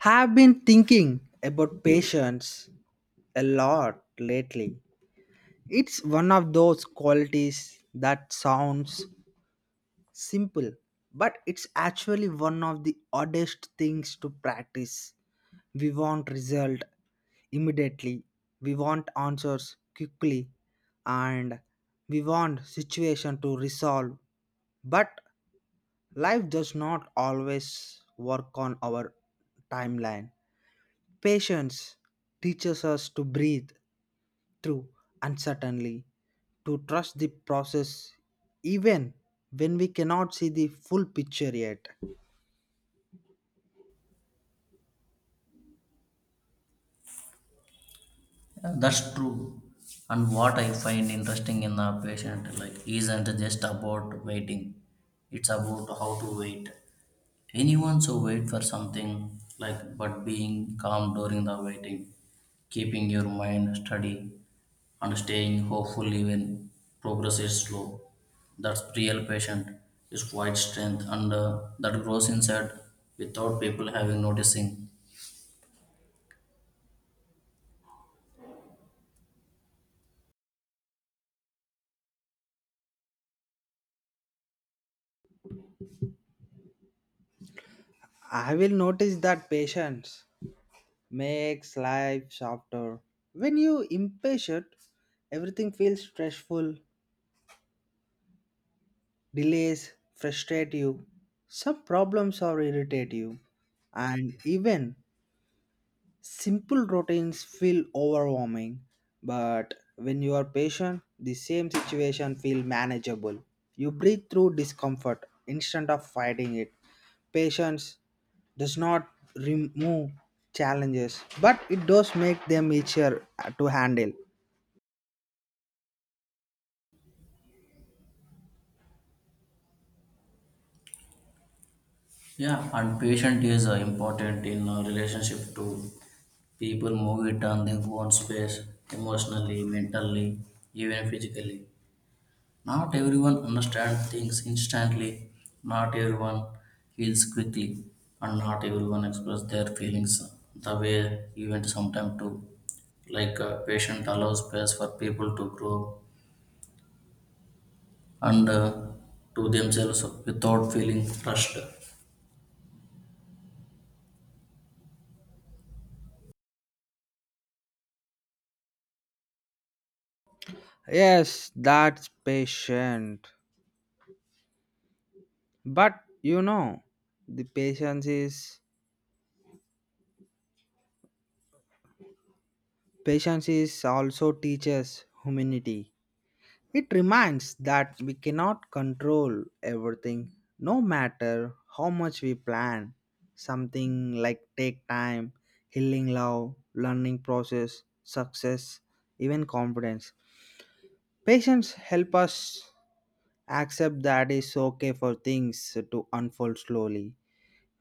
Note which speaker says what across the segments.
Speaker 1: Have been thinking about patience a lot lately. It's one of those qualities that sounds simple, but it's actually one of the oddest things to practice. We want result immediately, we want answers quickly, and we want situation to resolve. But life does not always work on our timeline. Patience teaches us to breathe through uncertainty, to trust the process even when we cannot see the full picture yet.
Speaker 2: Yeah, that's true. And what I find interesting in the patient like isn't just about waiting. It's about how to wait. Anyone so wait for something like but being calm during the waiting, keeping your mind steady and staying hopeful even progress is slow. That's real patient is quite strength and that grows inside without people having noticing.
Speaker 1: I will notice that patience makes life softer. When you impatient, everything feels stressful, delays frustrate you, some problems are irritate you, and even simple routines feel overwhelming, but when you are patient, the same situation feel manageable. You breathe through discomfort instead of fighting it. Patience does not remove challenges, but it does make them easier to handle.
Speaker 2: Yeah, and patient is important in a relationship too. People move it on their own space, emotionally, mentally, even physically. Not everyone understands things instantly. Not everyone heals quickly, and not everyone expresses their feelings the way you want sometimes to. Like patient allows space for people to grow and to themselves without feeling rushed.
Speaker 1: Yes, that's patient. But you know, the patience is also teaches humanity. It reminds that we cannot control everything, no matter how much we plan. Something like take time, healing love, learning process, success, even confidence. Patience help us accept that it's okay for things to unfold slowly.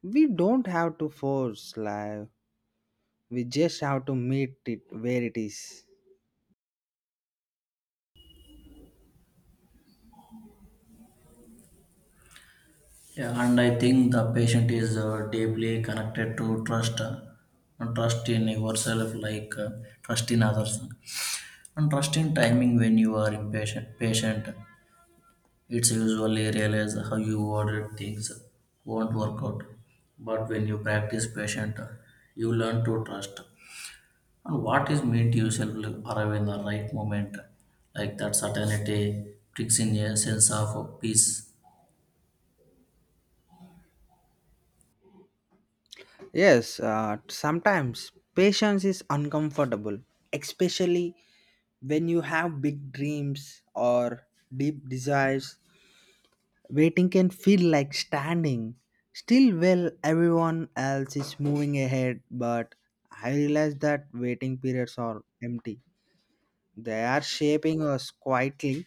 Speaker 1: We don't have to force life. We just have to meet it where it is.
Speaker 2: Yeah, and I think the patient is deeply connected to trust, and trust in yourself, like trust in others, and trust in timing. When you are impatient, patient, it's usually realize how you ordered things won't work out. But when you practice patient, you learn to trust. And what is meant yourself will arrive in the right moment, like that certainty brings in a sense of peace.
Speaker 1: Yes, sometimes patience is uncomfortable, especially when you have big dreams or deep desires. Waiting can feel like standing still while everyone else is moving ahead, but I realize that waiting periods are empty. They are shaping us quietly.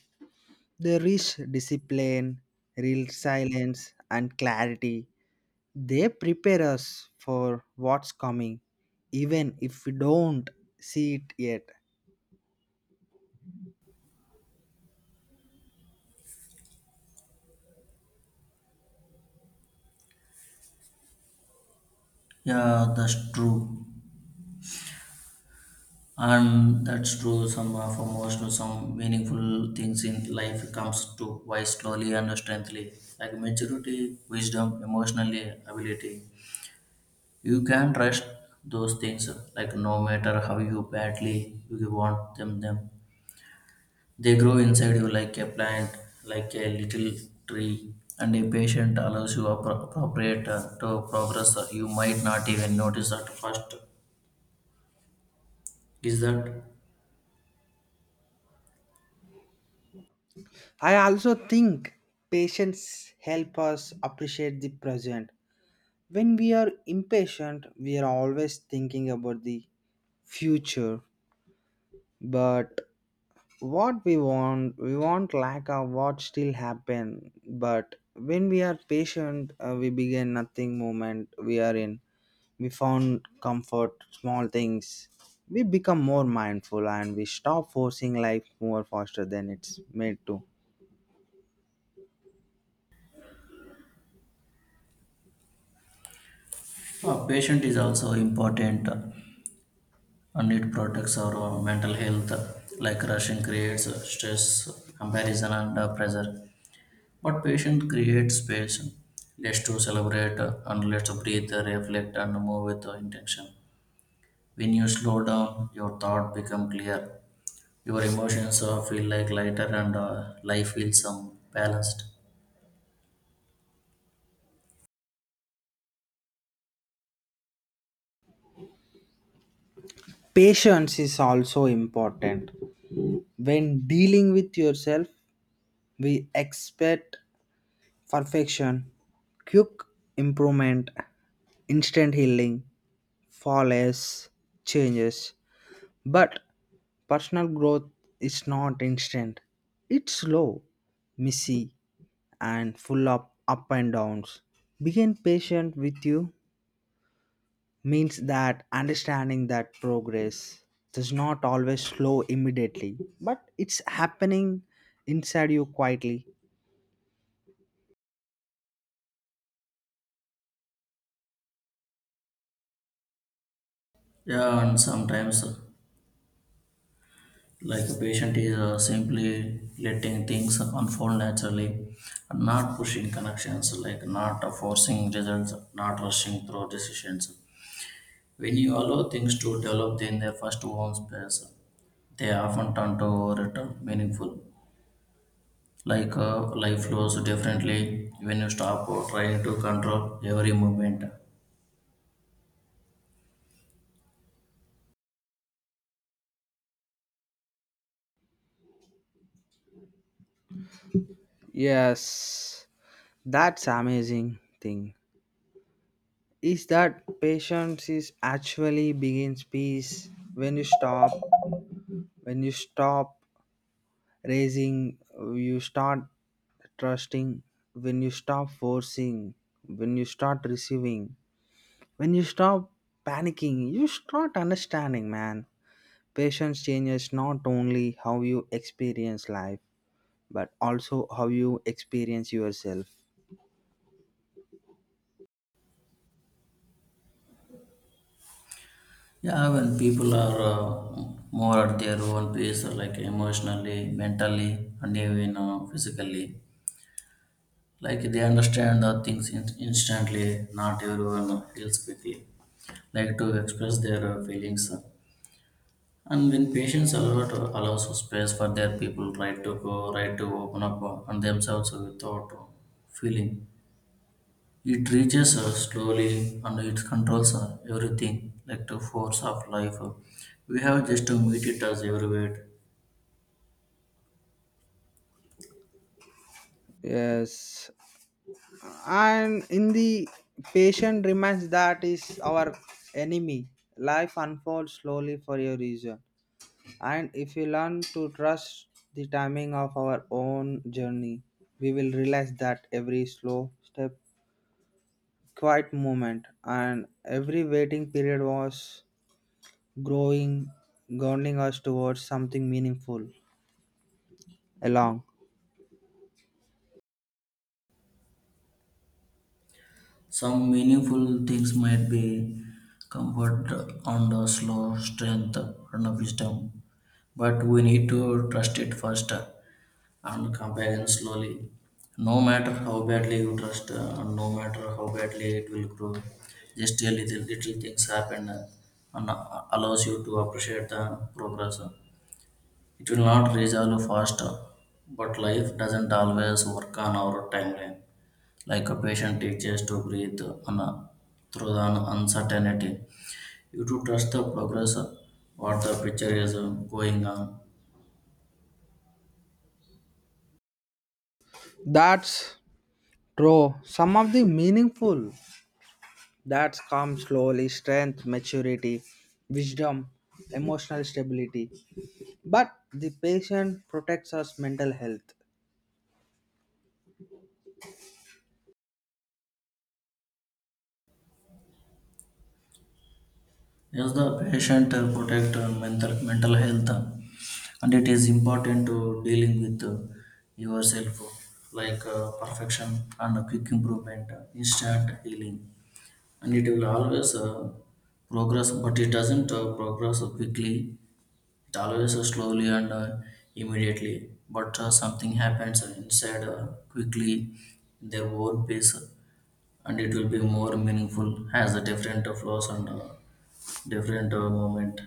Speaker 1: They reach discipline, real silence, and clarity. They prepare us for what's coming, even if we don't see it yet.
Speaker 2: Yeah, that's true. And that's true some of emotional some meaningful things in life comes to why slowly and strengthly like maturity wisdom emotionally ability you can trust those things like no matter how you badly you want them they grow inside you like a plant like a little tree and a patient allows you appropriate to progress you might not even notice at first is that
Speaker 1: I also think patience help us appreciate the present. When we are impatient, we are always thinking about the future, but what we want like a what still happen. But when we are patient, we begin nothing moment we are in. We found comfort small things. We become more mindful and we stop forcing life more faster than it's made to.
Speaker 2: patient is also important and it protects our mental health like rushing creates stress comparison and pressure but patient creates space let's to celebrate and let's breathe reflect and move with intention when you slow down your thought become clear your emotions feel like lighter and life feels balanced.
Speaker 1: Patience is also important when dealing with yourself. We expect perfection, quick improvement, instant healing, flawless changes, but personal growth is not instant. It's slow, messy, and full of up and downs. Being patient with you means that understanding that progress does not always slow immediately, but it's happening inside you quietly.
Speaker 2: Yeah, and sometimes like a patient is simply letting things unfold naturally not pushing connections like not forcing results not rushing through decisions when you allow things to develop in their first own space they often turn to return meaningful like life flows differently when you stop trying to control every movement.
Speaker 1: Yes, that's amazing thing. Is that patience is actually begins peace when you stop raising you start trusting when you stop forcing when you start receiving. When you stop panicking, you start understanding, man. Patience changes not only how you experience life, but also how you experience yourself.
Speaker 2: Yeah, when people are more at their own pace like emotionally mentally and even physically like they understand the things instantly not everyone feels quickly like to express their feelings And when patients allows space for their people right to go right to open up on themselves without feeling it reaches slowly and it controls everything like the force of life We have just to meet it as everywhere
Speaker 1: Yes, and in the patient reminds that is our enemy. Life unfolds slowly for your reason, and if you learn to trust the timing of our own journey, we will realize that every slow step, quiet movement, and every waiting period was growing, grounding us towards something meaningful along.
Speaker 2: some meaningful things might be comfort and slow strength and wisdom but we need to trust it first and compare it slowly. No matter how badly you trust, and no matter how badly it will grow, just a little things happen and allows you to appreciate the progress. It will not resolve fast, but life doesn't always work on our timeline. Like a patient teaches to breathe on a, through the uncertainty. You to trust the progress, what the picture is going on.
Speaker 1: That's true. Some of the meaningful that's come slowly strength, maturity, wisdom, emotional stability. But the patient protects us mental health.
Speaker 2: Yes, the patient protect mental health, and it is important to dealing with yourself, like perfection and quick improvement, instant healing, and it will always progress, but it doesn't progress quickly. It always slowly and immediately, but something happens inside quickly, in their own pace and it will be more meaningful has a different flows and different movement.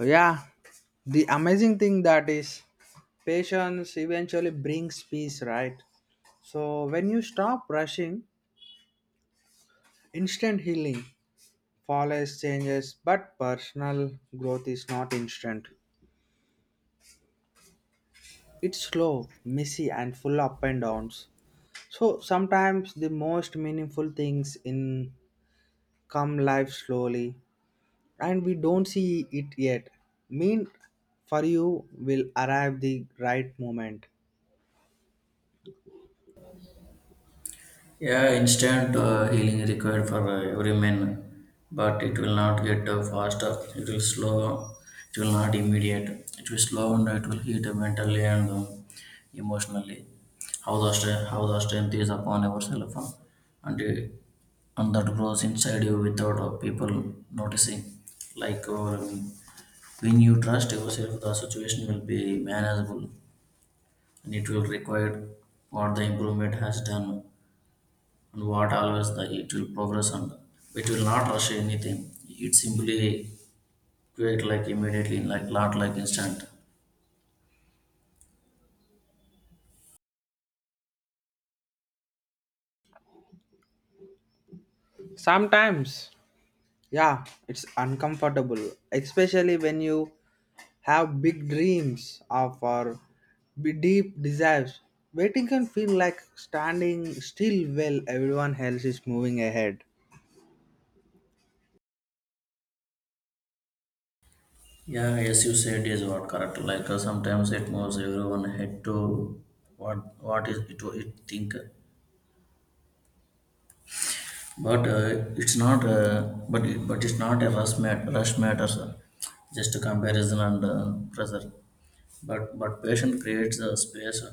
Speaker 1: Yeah, the amazing thing that is patience eventually brings peace, right? So when you stop rushing, instant healing follows changes, but personal growth is not instant. It's slow, messy, and full up and downs. So sometimes the most meaningful things in come life slowly, and we don't see it yet. Mean for you will arrive the right moment.
Speaker 2: Yeah, instant healing required for every man but it will not get faster it will slow it will not immediate it will slow and it will hit mentally and emotionally how the strength is upon yourself and uh, and that grows inside you without people noticing like when you trust yourself the situation will be manageable and it will require what the improvement has done and what always the it will progress and it will not rush anything. It simply create like immediately, like not like instant.
Speaker 1: Sometimes, yeah, it's uncomfortable, especially when you have big dreams or for be deep desires. Waiting can feel like standing still while everyone else is moving ahead.
Speaker 2: Yeah, as you said is what correct. Like sometimes it moves everyone head to what what is it think, but it's not. But it's not a rush matter, sir. Just a comparison and pressure. But patient creates a space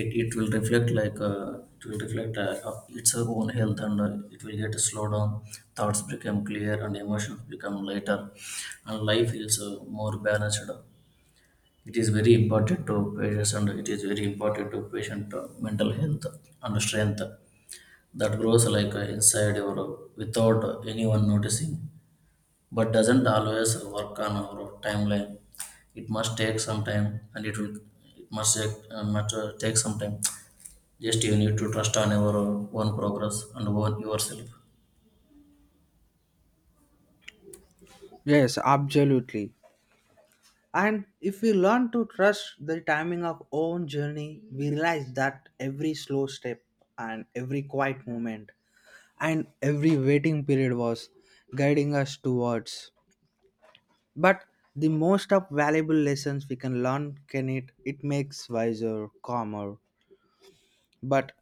Speaker 2: it will reflect like it will reflect its own health and it will get slowed down thoughts become clear and emotions become lighter and life feels more balanced it is very important to patients and it is very important to patient mental health and strength that grows like inside your without anyone noticing but doesn't always work on our timeline it must take some time and it will it must take some time just you need to trust on your own progress and own yourself.
Speaker 1: Yes, absolutely. And if we learn to trust the timing of own journey, we realize that every slow step and every quiet moment and every waiting period was guiding us towards. But the most of valuable lessons we can learn can it it makes wiser, calmer, but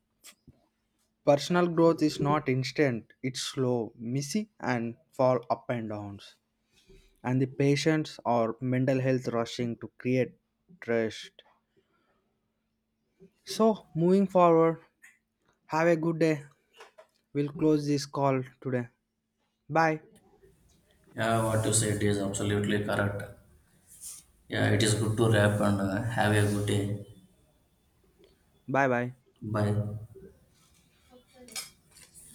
Speaker 1: personal growth is not instant, it's slow, messy, and fall up and downs. And the patients or mental health rushing to create trust. So, moving forward, have a good day. We'll close this call today. Bye.
Speaker 2: Yeah, what you said is absolutely correct. Yeah, it is good to wrap and have a good day.
Speaker 1: Bye bye.
Speaker 2: Bye.